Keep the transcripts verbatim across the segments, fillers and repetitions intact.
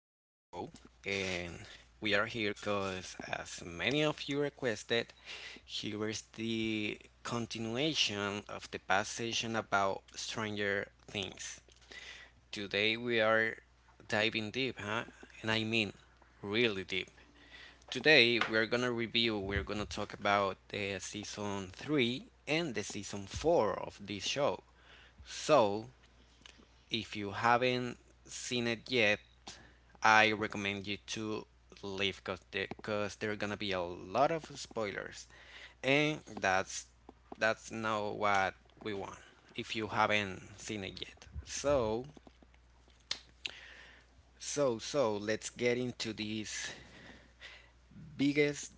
And we are here because, as many of you requested, here is the continuation of the past session about Stranger Things. Today we are diving deep, huh? And I mean really deep. Today we're gonna review, we're gonna talk about the season three and the season four of this show. So if you haven't seen it yet, I recommend you to leave because because there are gonna be a lot of spoilers, and that's that's not what we want. If you haven't seen it yet, so so so let's get into this biggest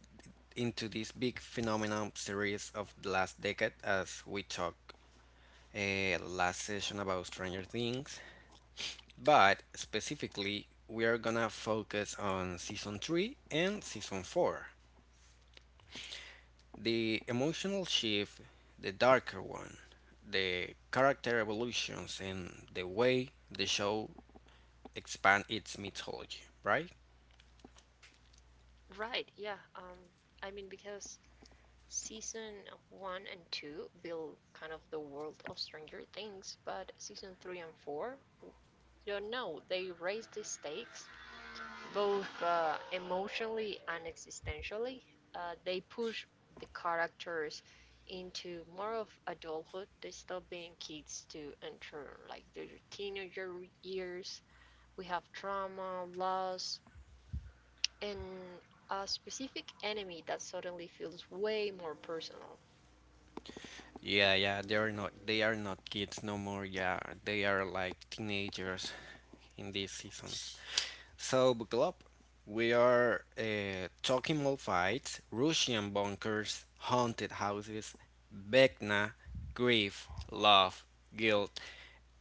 into this big phenomenon series of the last decade as we talked uh, last session about Stranger Things. But specifically, we are gonna focus on season three and season four. The emotional shift, the darker one, the character evolutions, and the way the show expand its mythology, right? Right, yeah. Um, I mean, because season one and two build kind of the world of Stranger Things, but season three and four, you don't know, they raise the stakes both uh, emotionally and existentially. Uh, they push the characters into more of adulthood. They stop being kids to enter like their teenager years. We have trauma, loss, and a specific enemy that suddenly feels way more personal. Yeah, yeah, they are not they are not kids no more. Yeah, they are like teenagers in this season. So buckle up. We are uh, talking mall fights, Russian bunkers, haunted houses, Vecna, grief, love, guilt,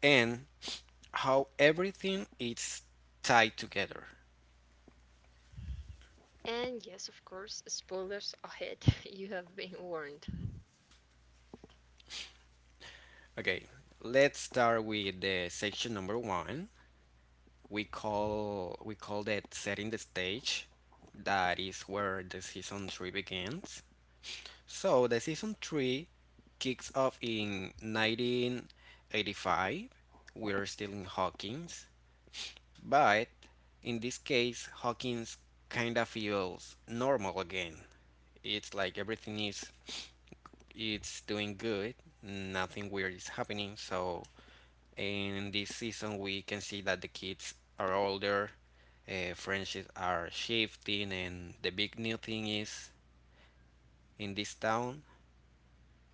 and how everything is tied together. And yes, of course, spoilers ahead. You have been warned. Okay, let's start with the section number one. We call we call that setting the stage. That is where the season three begins. So the season three kicks off in nineteen eighty-five. We're still in Hawkins, but in this case, Hawkins kind of feels normal again. It's like everything is it's doing good. Nothing weird is happening. So in this season, we can see that the kids are older. Uh, friendships are shifting, and the big new thing is in this town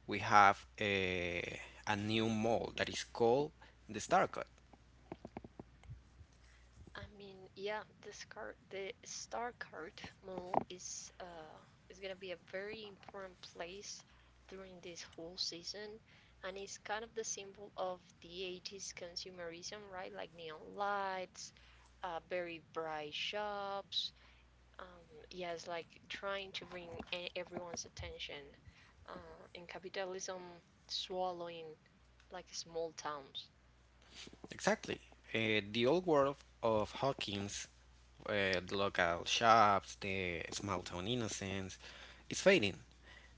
we have a, a new mold that is called the star cut. I mean, yeah, this card, the star card model is uh is gonna be a very important place during this whole season, and it's kind of the symbol of the eighties consumerism, right? Like neon lights, uh, very bright shops. Um, yes, like trying to bring e- everyone's attention. Uh, in capitalism, swallowing like small towns. Exactly. Uh, the old world of Hawkins, uh, the local shops, the small town innocence, is fading.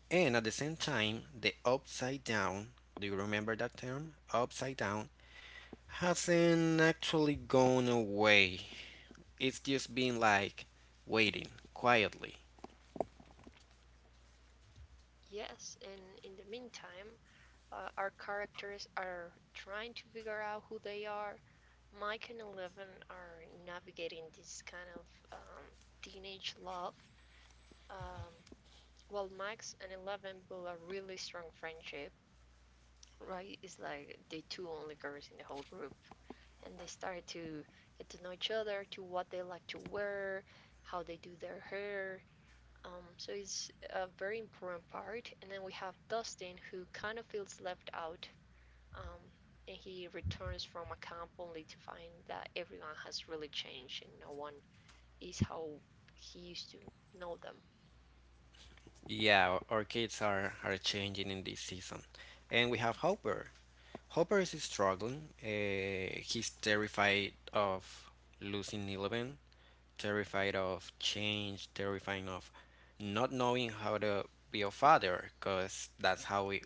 And at the same time, the upside down, do you remember that term? Upside down hasn't actually gone away. It's just been like waiting quietly. Yes, and in the meantime, uh, our characters are trying to figure out who they are. Mike and Eleven are navigating this kind of um, teenage love. Um, while Max and Eleven build a really strong friendship, right? It's like the two only girls in the whole group, and they started to get to know each other, to what they like to wear, how they do their hair. Um, so it's a very important part. And then we have Dustin, who kind of feels left out. Um, and he returns from a camp only to find that everyone has really changed and no one is how he used to know them. Yeah, our kids are, are changing in this season. And we have Hopper. Hopper is struggling. Uh, he's terrified of losing Eleven, terrified of change, terrified of not knowing how to be a father, because that's how we,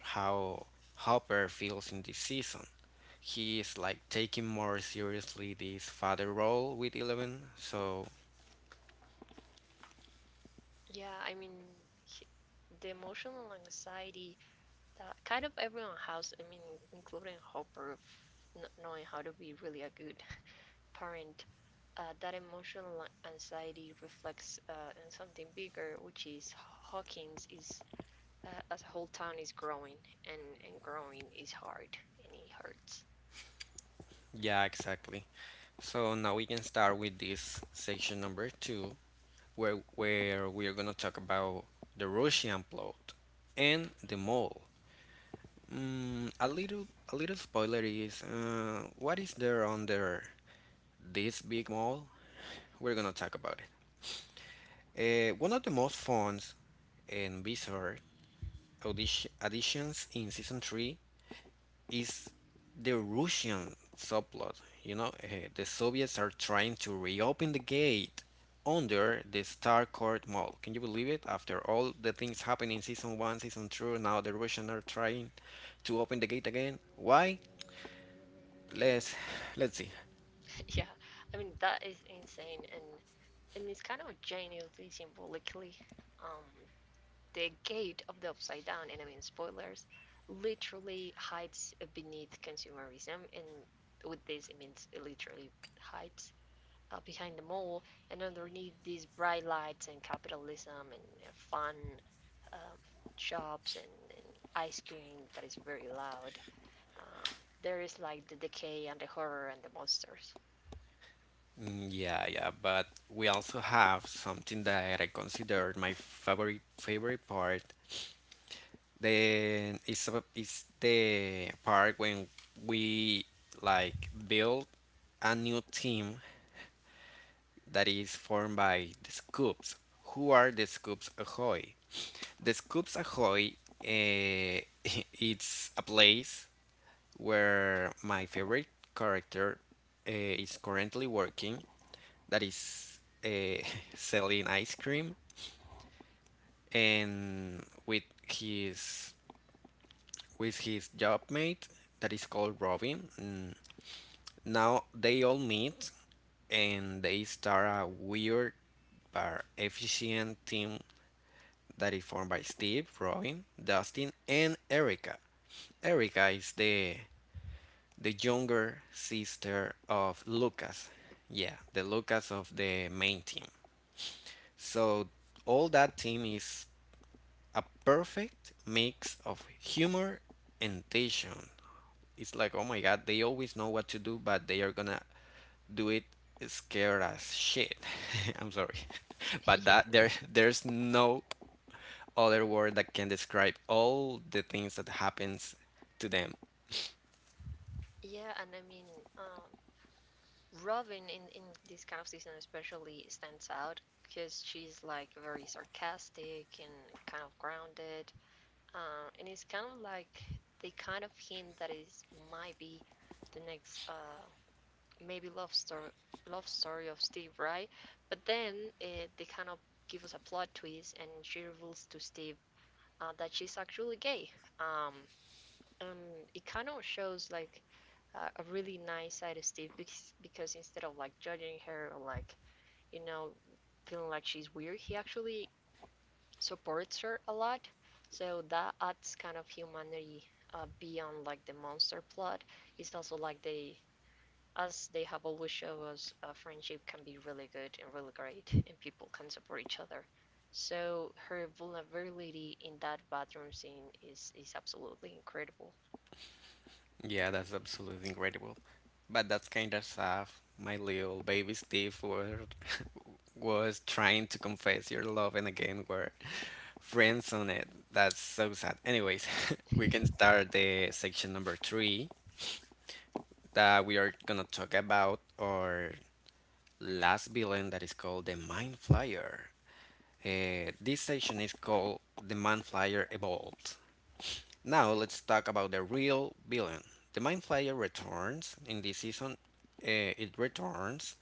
how Hopper feels in this season. He is like taking more seriously this father role with Eleven, so Yeah, I mean, he- the emotional anxiety that kind of everyone has, I mean, including Hopper, of not knowing how to be really a good parent, uh, that emotional anxiety reflects uh, in something bigger, which is Hawkins is, uh, as a whole town, is growing, and and growing is hard, and it hurts. yeah, exactly. So now we can start with this section number two, where where we are gonna talk about the Russian plot and the mole. Mm, a little a little spoiler is uh, what is there under this big mole? We're gonna talk about it. Uh, one of the most fun and bizarre audition additions in season three is the Russian subplot. You know, eh, the Soviets are trying to reopen the gate under the Starcourt Mall. Can you believe it? After all the things happened in season one, season two, now the Russians are trying to open the gate again. Why? Let's let's see. Yeah, I mean that is insane, and and it's kind of genuinely symbolically. Um, the gate of the upside down, and I mean spoilers, literally hides beneath consumerism, and with this it means it literally hides uh, behind the mall, and underneath these bright lights and capitalism and uh, fun um shops, and, and ice cream that is very loud. Uh, there is like the decay and the horror and the monsters. Mm, yeah, yeah, but we also have something that I consider my favorite favorite part. Then it's a, it's the part when we like build a new team that is formed by the Scoops. Who are the Scoops Ahoy? The Scoops Ahoy, uh, it's a place where my favorite character uh, is currently working, that is uh, selling ice cream and with his with his job mate that is called Robin. Mm, Now they all meet and they start a weird but efficient team that is formed by Steve, Robin, Dustin, and Erica. Erica is the the younger sister of Lucas. Yeah, the Lucas of the main team. So all that team is a perfect mix of humor and tension. It's like, oh my god, they always know what to do, but they are gonna do it scared as shit. I'm sorry. But Yeah. that there there's no other word that can describe all the things that happens to them. Yeah, and I mean, um, Robin in, in this kind of season especially stands out because she's like very sarcastic and kind of grounded. Uh, and it's kind of like they kind of hint that it might be the next uh, maybe love story love story of Steve, right? But then eh, they kind of give us a plot twist, and she reveals to Steve uh, that she's actually gay. Um, and it kind of shows like uh, a really nice side of Steve because, because instead of like judging her or like you know feeling like she's weird, he actually supports her a lot. So that adds kind of humanity uh, beyond like the monster plot. It's also like they, as they have always shown us, uh, friendship can be really good and really great, and people can support each other. So her vulnerability in that bathroom scene is is absolutely incredible. Yeah, that's absolutely incredible, but that's kind of sad. My little baby Steve were, was trying to confess your love and again were friends on it. That's so sad anyways. We can start the section number three that we are gonna talk about our last villain that is called the Mind Flyer. Uh, this session is called the Mind Flyer Evolved. Now let's talk about the real villain. The Mind Flyer returns in this season. Uh, it returns,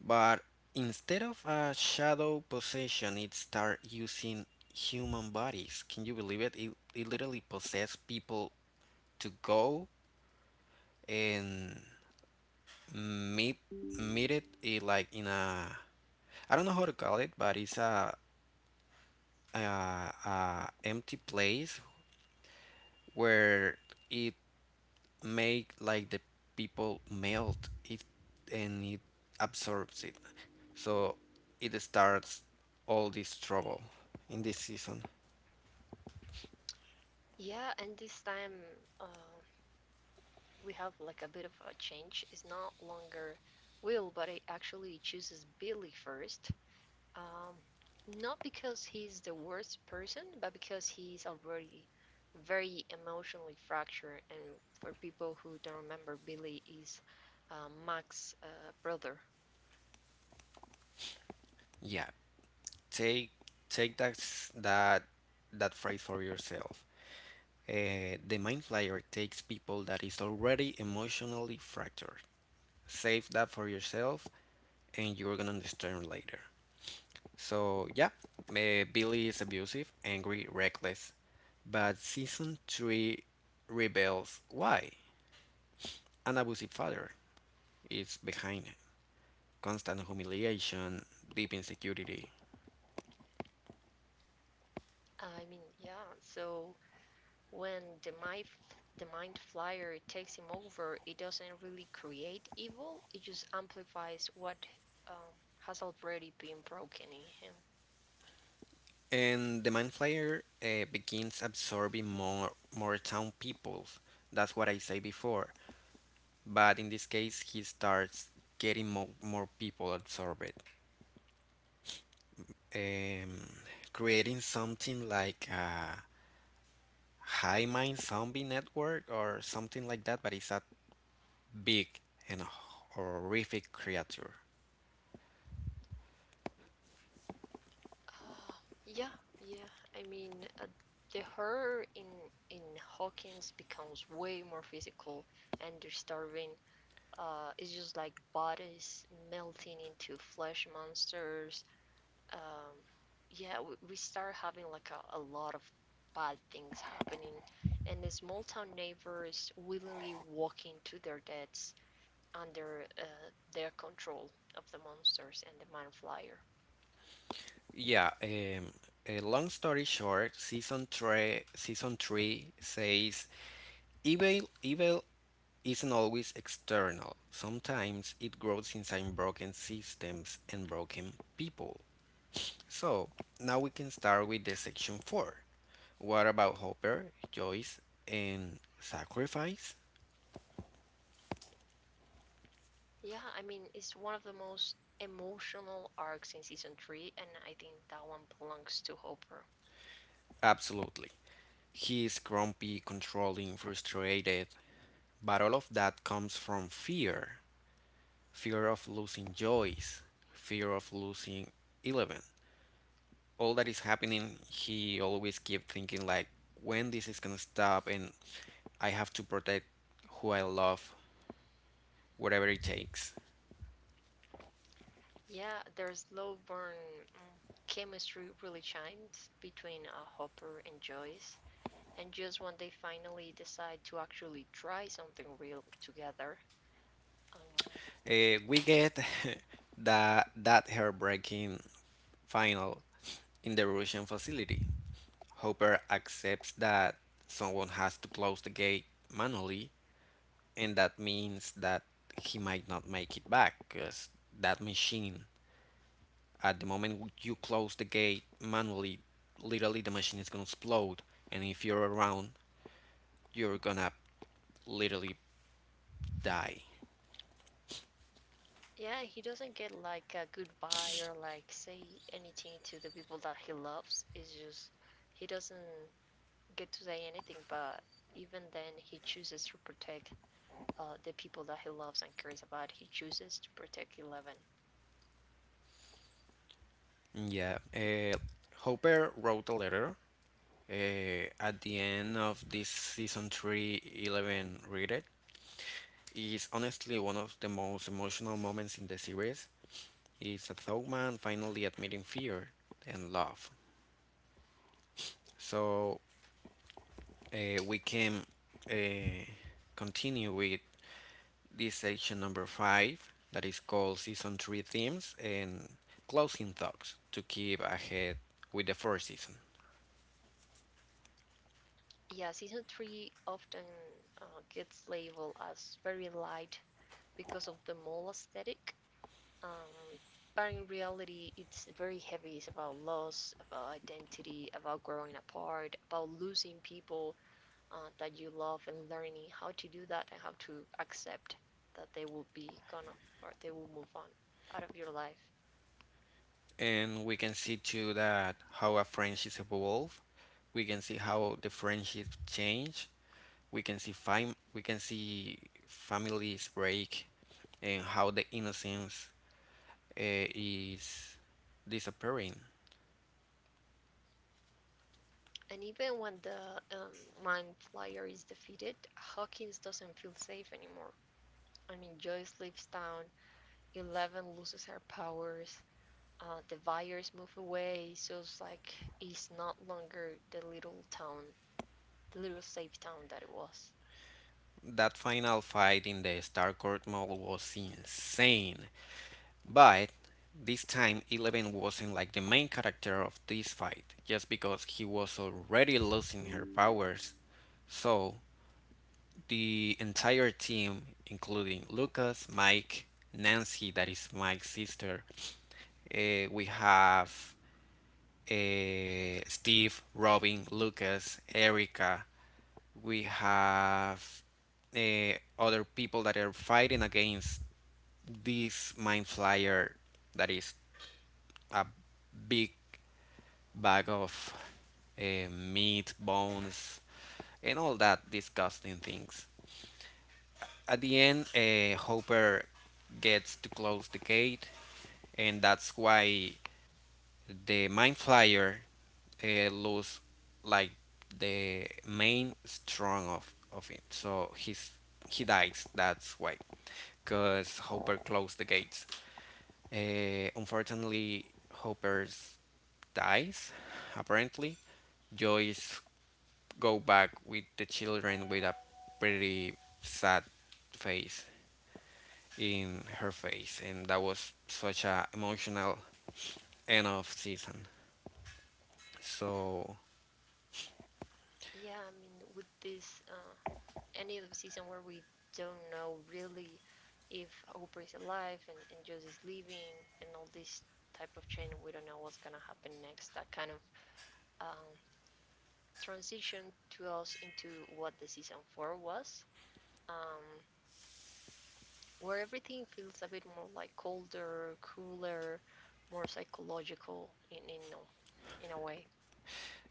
but instead of a shadow possession, it starts using human bodies. Can you believe it? It, it literally possesses people to go and meat meat it, it, like in a I don't know how to call it, but it's a, a, a empty place where it make like the people melt it and it absorbs it. So it starts all this trouble in this season. Yeah, and this time uh, we have like a bit of a change. It's not longer Will, but it actually chooses Billy first. Um, not because he's the worst person, but because he's already very emotionally fractured. And for people who don't remember, Billy is uh, Mac's uh, brother. Yeah, take take that s- that that phrase for yourself. Uh, the mind flyer takes people that is already emotionally fractured. Save that for yourself and you're gonna understand later. So yeah, eh, Billy is abusive, angry, reckless, but season three reveals why an abusive father is behind constant humiliation, deep insecurity, I mean, yeah. So when the mind, the mind flyer takes him over, it doesn't really create evil. It just amplifies what um, has already been broken in him. and the mind flayer uh, begins absorbing more more town people. That's what I say before. But in this case, he starts getting more, more people absorbed, um, creating something like a high mind zombie network or something like that, but it's a big and horrific creature. Uh, yeah, yeah. I mean, uh, the horror in in Hawkins becomes way more physical, and they're starving. Uh, it's just like bodies melting into flesh monsters. Um, yeah, we, we start having like a, a lot of bad things happening, and the small town neighbors willingly walking to their deaths under uh, their control of the monsters and the mind flyer. Yeah, um, a long story short, season three, season three says evil, evil isn't always external. Sometimes it grows inside broken systems and broken people. So now we can start with the section four. What about Hopper, Joyce, and sacrifice? Yeah, I mean, it's one of the most emotional arcs in season three, and I think that one belongs to Hopper. Absolutely. He is grumpy, controlling, frustrated, but all of that comes from fear. Fear of losing Joyce, fear of losing Eleven. All that is happening, he always keep thinking like when this is gonna stop and I have to protect who I love, whatever it takes. Yeah, their slow burn mm, chemistry really shines between uh, Hopper and Joyce, and just when they finally decide to actually try something real together, um, Uh, we get that that heartbreaking final in the Russian facility. Hopper accepts that someone has to close the gate manually, and that means that he might not make it back because that machine, at the moment you close the gate manually, literally the machine is gonna explode, and if you're around, you're gonna literally die. yeah, he doesn't get like a goodbye or like say anything to the people that he loves. It's just he doesn't get to say anything, but even then, he chooses to protect uh, the people that he loves and cares about, he chooses to protect Eleven. Yeah, uh, Hopper wrote a letter, eh, at the end of this season three, Eleven read it. It is honestly one of the most emotional moments in the series. It's a thug man finally admitting fear and love. So uh, we can uh, continue with this section number five that is called season three themes and closing thoughts to keep ahead with the first season. Yeah, season three often uh, gets labeled as very light because of the mall aesthetic. Um, but in reality, it's very heavy. It's about loss, about identity, about growing apart, about losing people uh, that you love and learning how to do that and how to accept that they will be gonna or they will move on out of your life. And we can see too that how a friendship evolve. We can see how the friendship change. We can see fam we can see families break and how the innocence uh, is disappearing. And even when the um, Mind Flyer is defeated, Hawkins doesn't feel safe anymore. I mean, Joy leaves town. Eleven loses her powers, uh, the Vires move away, so it's like it's not longer the little town, the little safe town that it was. That final fight in the Starcourt Mall was insane. But this time, Eleven wasn't like the main character of this fight, just because he was already losing her powers. So the entire team, including Lucas, Mike, Nancy, that is Mike's sister. Uh, we have uh, Steve, Robin, Lucas, Erica. We have uh, other people that are fighting against this mind flyer that is a big bag of uh, meat, bones, and all that disgusting things. At the end, uh, Hopper gets to close the gate, and that's why the Mind Flyer uh, lose like the main strong of of it. So he's he dies. That's why, cause Hopper closed the gates. Uh, unfortunately, Hopper dies. Apparently, Joyce go back with the children with a pretty sad face in her face, and that was such a emotional end of season. So Yeah, I mean, with this uh, end of the season where we don't know really if Oprah is alive, and, and Joyce is leaving and all this type of chain, we don't know what's gonna happen next. That kind of um, transition to us into what the season four was, um, where everything feels a bit more like colder, cooler, more psychological in in a- in a way.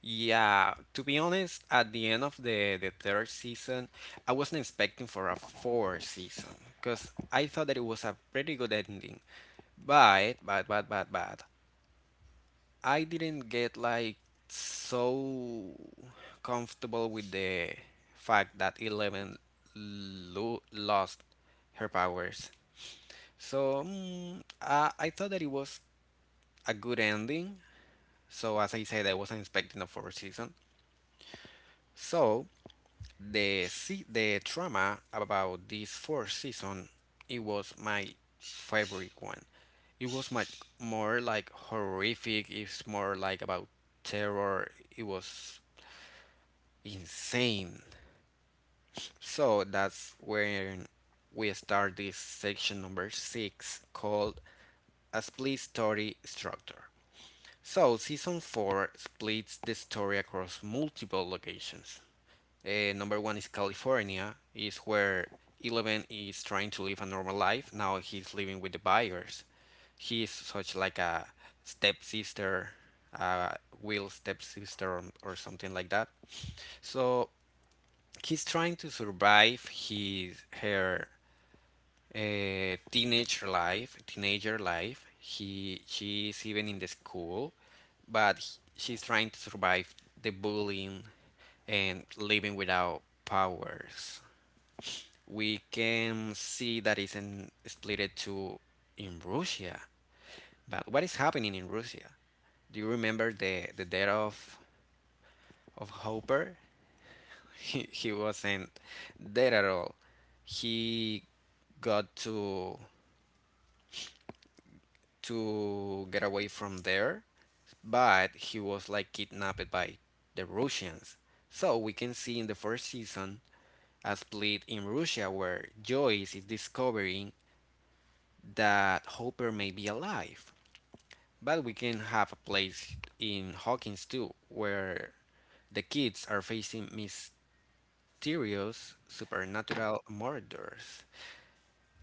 yeah, to be honest, at the end of the the third season, I wasn't expecting for a fourth season because I thought that it was a pretty good ending, but but but but but I didn't get like so comfortable with the fact that Eleven lo- lost her powers. So mm, I, I thought that it was a good ending. So as I said, I wasn't expecting a fourth season. So the se- the drama about this fourth season, it was my favorite one. It was much more like horrific. It's more like about terror. It was insane. So that's when we start this section number six called a split story structure. So, season four splits the story across multiple locations. Uh, number one is California, is where Eleven is trying to live a normal life. Now he's living with the buyers. He is such like a stepsister, uh, Will's stepsister, or or something like that. So he's trying to survive his her uh, teenage life, teenager life. He She's even in the school, but h- she's trying to survive the bullying and living without powers. We can see that it's in, split to in Russia. But what is happening in Russia? Do you remember the the death of of Hopper? He he wasn't dead at all. He got to to get away from there, but he was like kidnapped by the Russians. So we can see in the first season a split in Russia where Joyce is discovering that Hopper may be alive. But we can have a place in Hawkins too, where the kids are facing mysterious supernatural murders.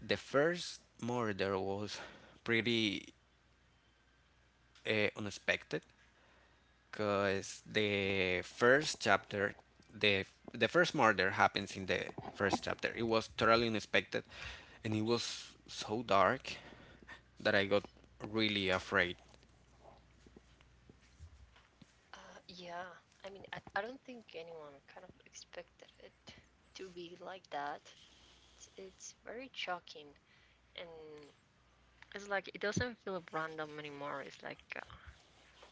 The first murder was pretty uh, unexpected because the first chapter, the the first murder happens in the first chapter. It was totally unexpected, and it was so dark that I got really afraid. Uh, yeah, I mean, I, I don't think anyone kind of expected it to be like that. It's, it's very shocking, and it's like it doesn't feel random anymore. It's like uh,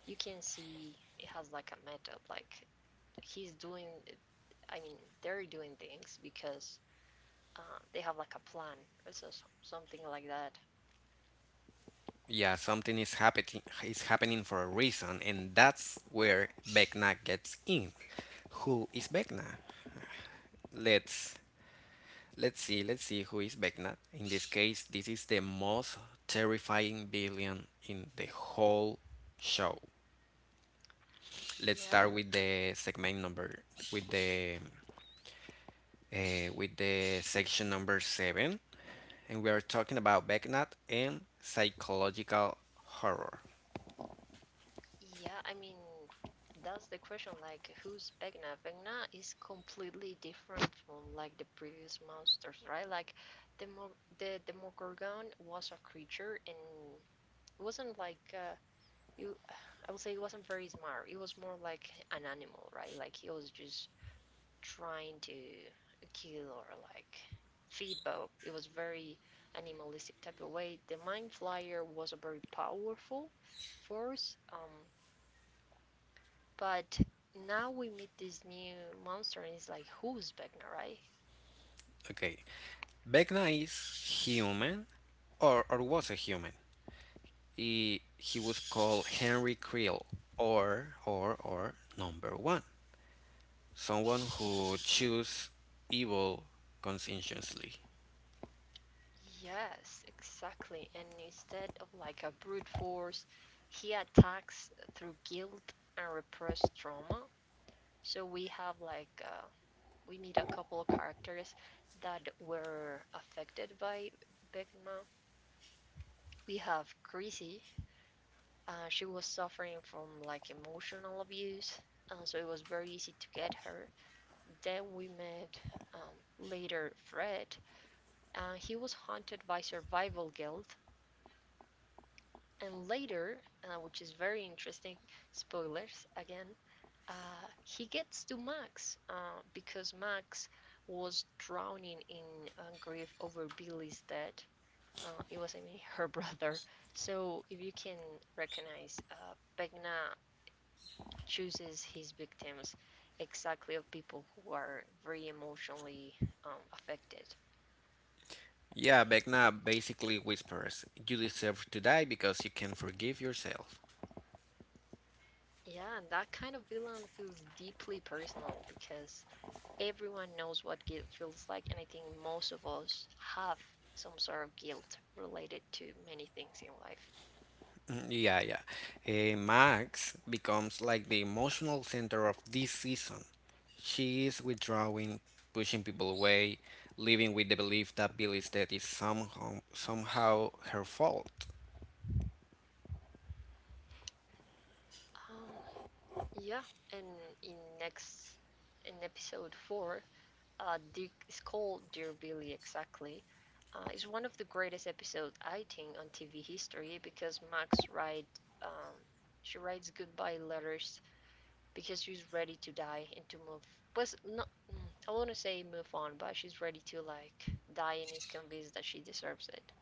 you can see it has like a method, like he's doing I mean they're doing things because uh, they have like a plan or so, something like that. Yeah, something is happening is happening for a reason, and that's where Vecna gets in. Who is Vecna? Let's let's see let's see who is Vecna. In this case, this is the most terrifying villain in the whole show. Let's start yeah with the segment number with the uh, with the section number seven, and we are talking about Vecna and psychological horror. yeah I mean, that's the question, like who's Vecna? Vecna is completely different from like the previous monsters, right? Like the Mo- the demogorgon was a creature, and it wasn't like, uh, you, I would say it wasn't very smart. It was more like an animal, right? Like he was just trying to kill or like feed, but it was very animalistic type of way. The Mind Flyer was a very powerful force, um, but now we meet this new monster and it's like, who's Vecna, right? Okay, Vecna is human, or or was a human. He he was called Henry Creel, or or or number one, someone who choose evil conscientiously. Yes, exactly. And instead of like a brute force, he attacks through guilt and repressed trauma. So we have like uh, we meet a couple of characters that were affected by Big. We have Chrissy. Uh, she was suffering from like emotional abuse, uh, so it was very easy to get her. Then we met um, later Fred. Uh, he was haunted by survival guilt, and later, uh, which is very interesting, spoilers again. Uh, he gets to Max uh, because Max was drowning in uh, grief over Billy's death. Uh, it was, I mean, her brother. So if you can recognize, uh, Begna chooses his victims exactly of people who are very emotionally um, affected. Yeah, Vecna basically whispers, "You deserve to die because you can forgive yourself." Yeah, and that kind of villain feels deeply personal because everyone knows what guilt feels like, and I think most of us have some sort of guilt related to many things in life. Mm. Yeah, yeah. Eh, Max becomes like the emotional center of this season. She is withdrawing, pushing people away, living with the belief that Billy's death is somehow, somehow her fault. Um, yeah, and in next in episode four, uh, Dick is called Dear Billy exactly, uh, is one of the greatest episodes I think on T V history because Max write, um, she writes goodbye letters because she's ready to die and to move. Was not, mm, I want to say move on, but she's ready to like die and is convinced that she deserves it.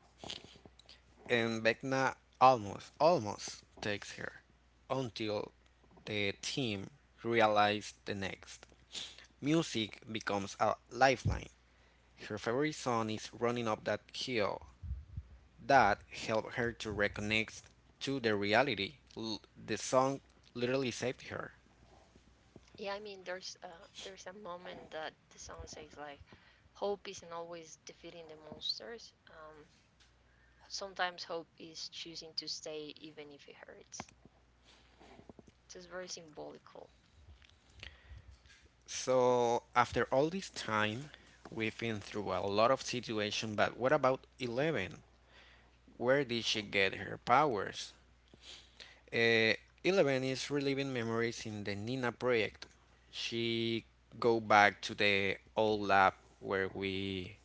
And Vecna almost, almost takes her until the team realize the next. Music becomes a lifeline. Her favorite song is Running Up That Hill. That helped her to reconnect to the reality. L- the song literally saved her. Yeah, I mean there's uh, there's a moment that the song says like hope isn't always defeating the monsters. Um, sometimes hope is choosing to stay even if it hurts. It is very symbolical. So, after all this time, we've been through a lot of situations, but what about Eleven? Where did she get her powers? Uh, Eleven is reliving memories in the Nina project. She go back to the old lab where we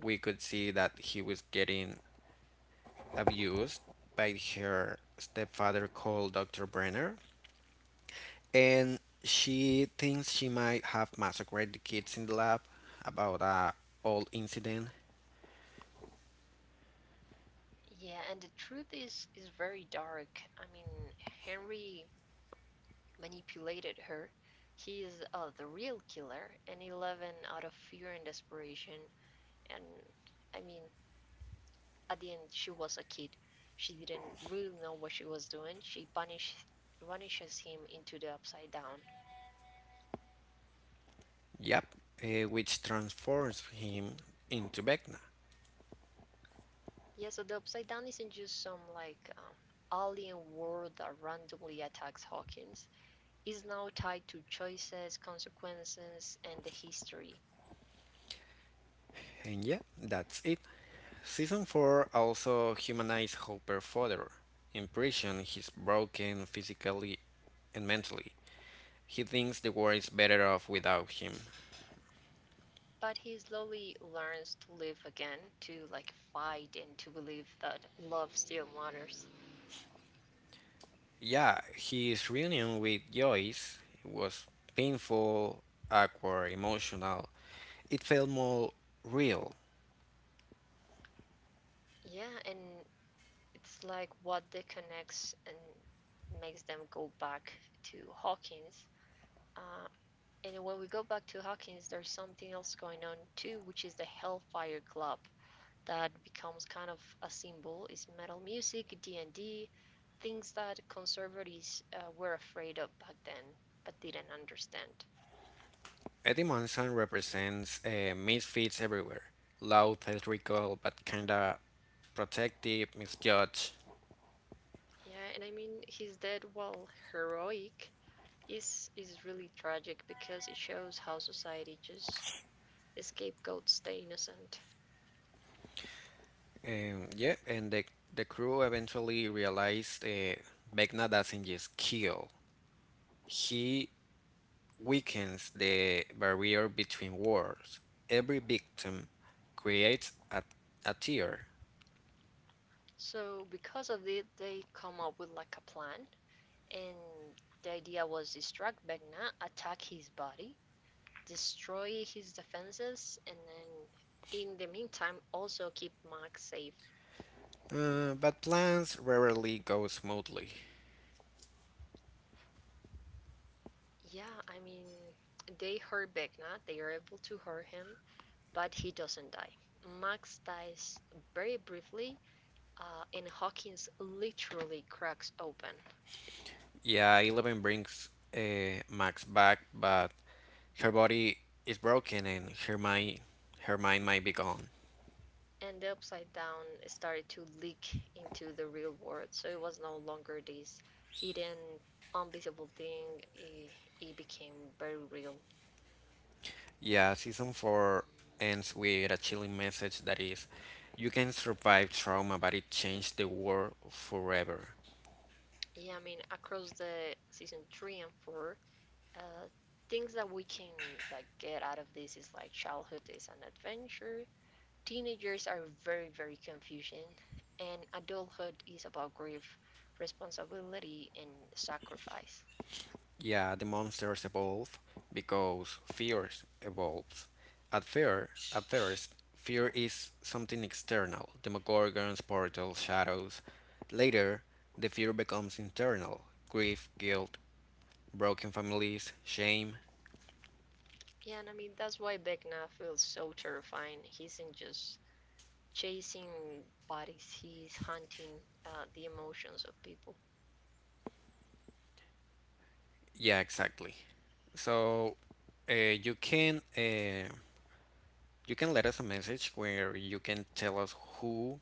we could see that he was getting abused by her stepfather called doctor Brenner, and she thinks she might have massacred the kids in the lab about a old incident. Yeah, and the truth is is very dark. I mean, Henry manipulated her. He is uh, the real killer, and Eleven, out of fear and desperation, and I mean, at the end, she was a kid. She didn't really know what she was doing. She punish, vanishes him into the Upside Down. Yep, eh, which transforms him into Vecna. Yeah, so the Upside Down isn't just some like um, alien world that randomly attacks Hawkins. Is now tied to choices, consequences, and the history. And yeah, that's it. Season four also humanized Hopper further. In prison, he's broken physically and mentally. He thinks the world is better off without him. But he slowly learns to live again, to like fight and to believe that love still matters. Yeah, his reunion with Joyce was painful, awkward, emotional. It felt more real. Yeah, and it's like what they connects and makes them go back to Hawkins. Uh, and when we go back to Hawkins, there's something else going on too, which is the Hellfire Club. That becomes kind of a symbol is metal music, D and D, things that conservatives uh, were afraid of back then but didn't understand. Eddie Munson represents uh, misfits everywhere. Loud, theatrical, but kinda protective, misjudged. Yeah, and I mean his death, while heroic, is is really tragic because it shows how society just scapegoats stay innocent. Um, yeah, and the, the crew eventually realized uh, Vecna doesn't just kill. He weakens the barrier between worlds. Every victim creates a, a tear. So because of it, they come up with like a plan, and the idea was distract Vecna, attack his body, destroy his defenses, and then in the meantime also keep Max safe. Uh, but plans rarely go smoothly. Yeah, I mean they hurt Vecna, they are able to hurt him, but he doesn't die. Max dies very briefly, uh, and Hawkins literally cracks open, Yeah, Eleven brings uh, Max back, but her body is broken and her mind, her mind might be gone. and the upside down started to leak into the real world. So it was no longer this hidden, invisible thing. It, it became very real. Yeah, season four ends with a chilling message that is, you can survive trauma, but it changed the world forever. Yeah, I mean, across the season three and four, uh, things that we can like get out of this is like childhood is an adventure, teenagers are very, very confusing, and adulthood is about grief, responsibility, and sacrifice. Yeah, the monsters evolve because fears evolves. At fear, at first, fear is something external: demogorgons, portals, shadows. Later, the fear becomes internal: grief, guilt, broken families, shame. Yeah, and I mean, that's why Vecna feels so terrifying. He isn't just chasing bodies, he's hunting uh, the emotions of people. Yeah, exactly. So, uh, you can uh, you can let us a message where you can tell us who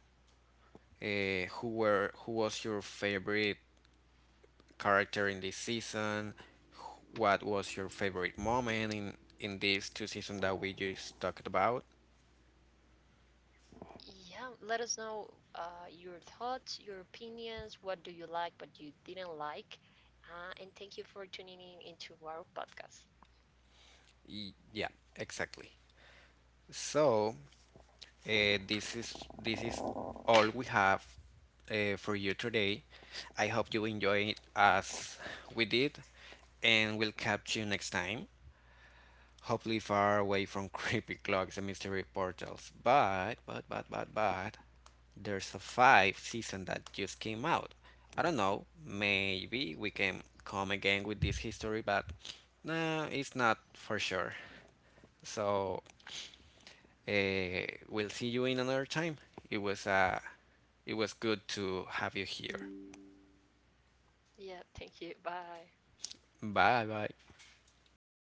uh, who were who was your favorite character in this season? What was your favorite moment in in these two seasons that we just talked about? Yeah, let us know uh, your thoughts, your opinions, what do you like, what you didn't like. Uh, and thank you for tuning in into our podcast. Yeah, exactly. So, uh, this is this is all we have uh, for you today. I hope you enjoy it as we did, and we'll catch you next time. Hopefully far away from creepy clocks and mystery portals. But, but, but, but, but, there's a five season that just came out. I don't know, maybe we can come again with this history, but nah, it's not for sure. So, uh, we'll see you in another time. It was uh, it was good to have you here. Yeah, thank you. Bye. Bye bye.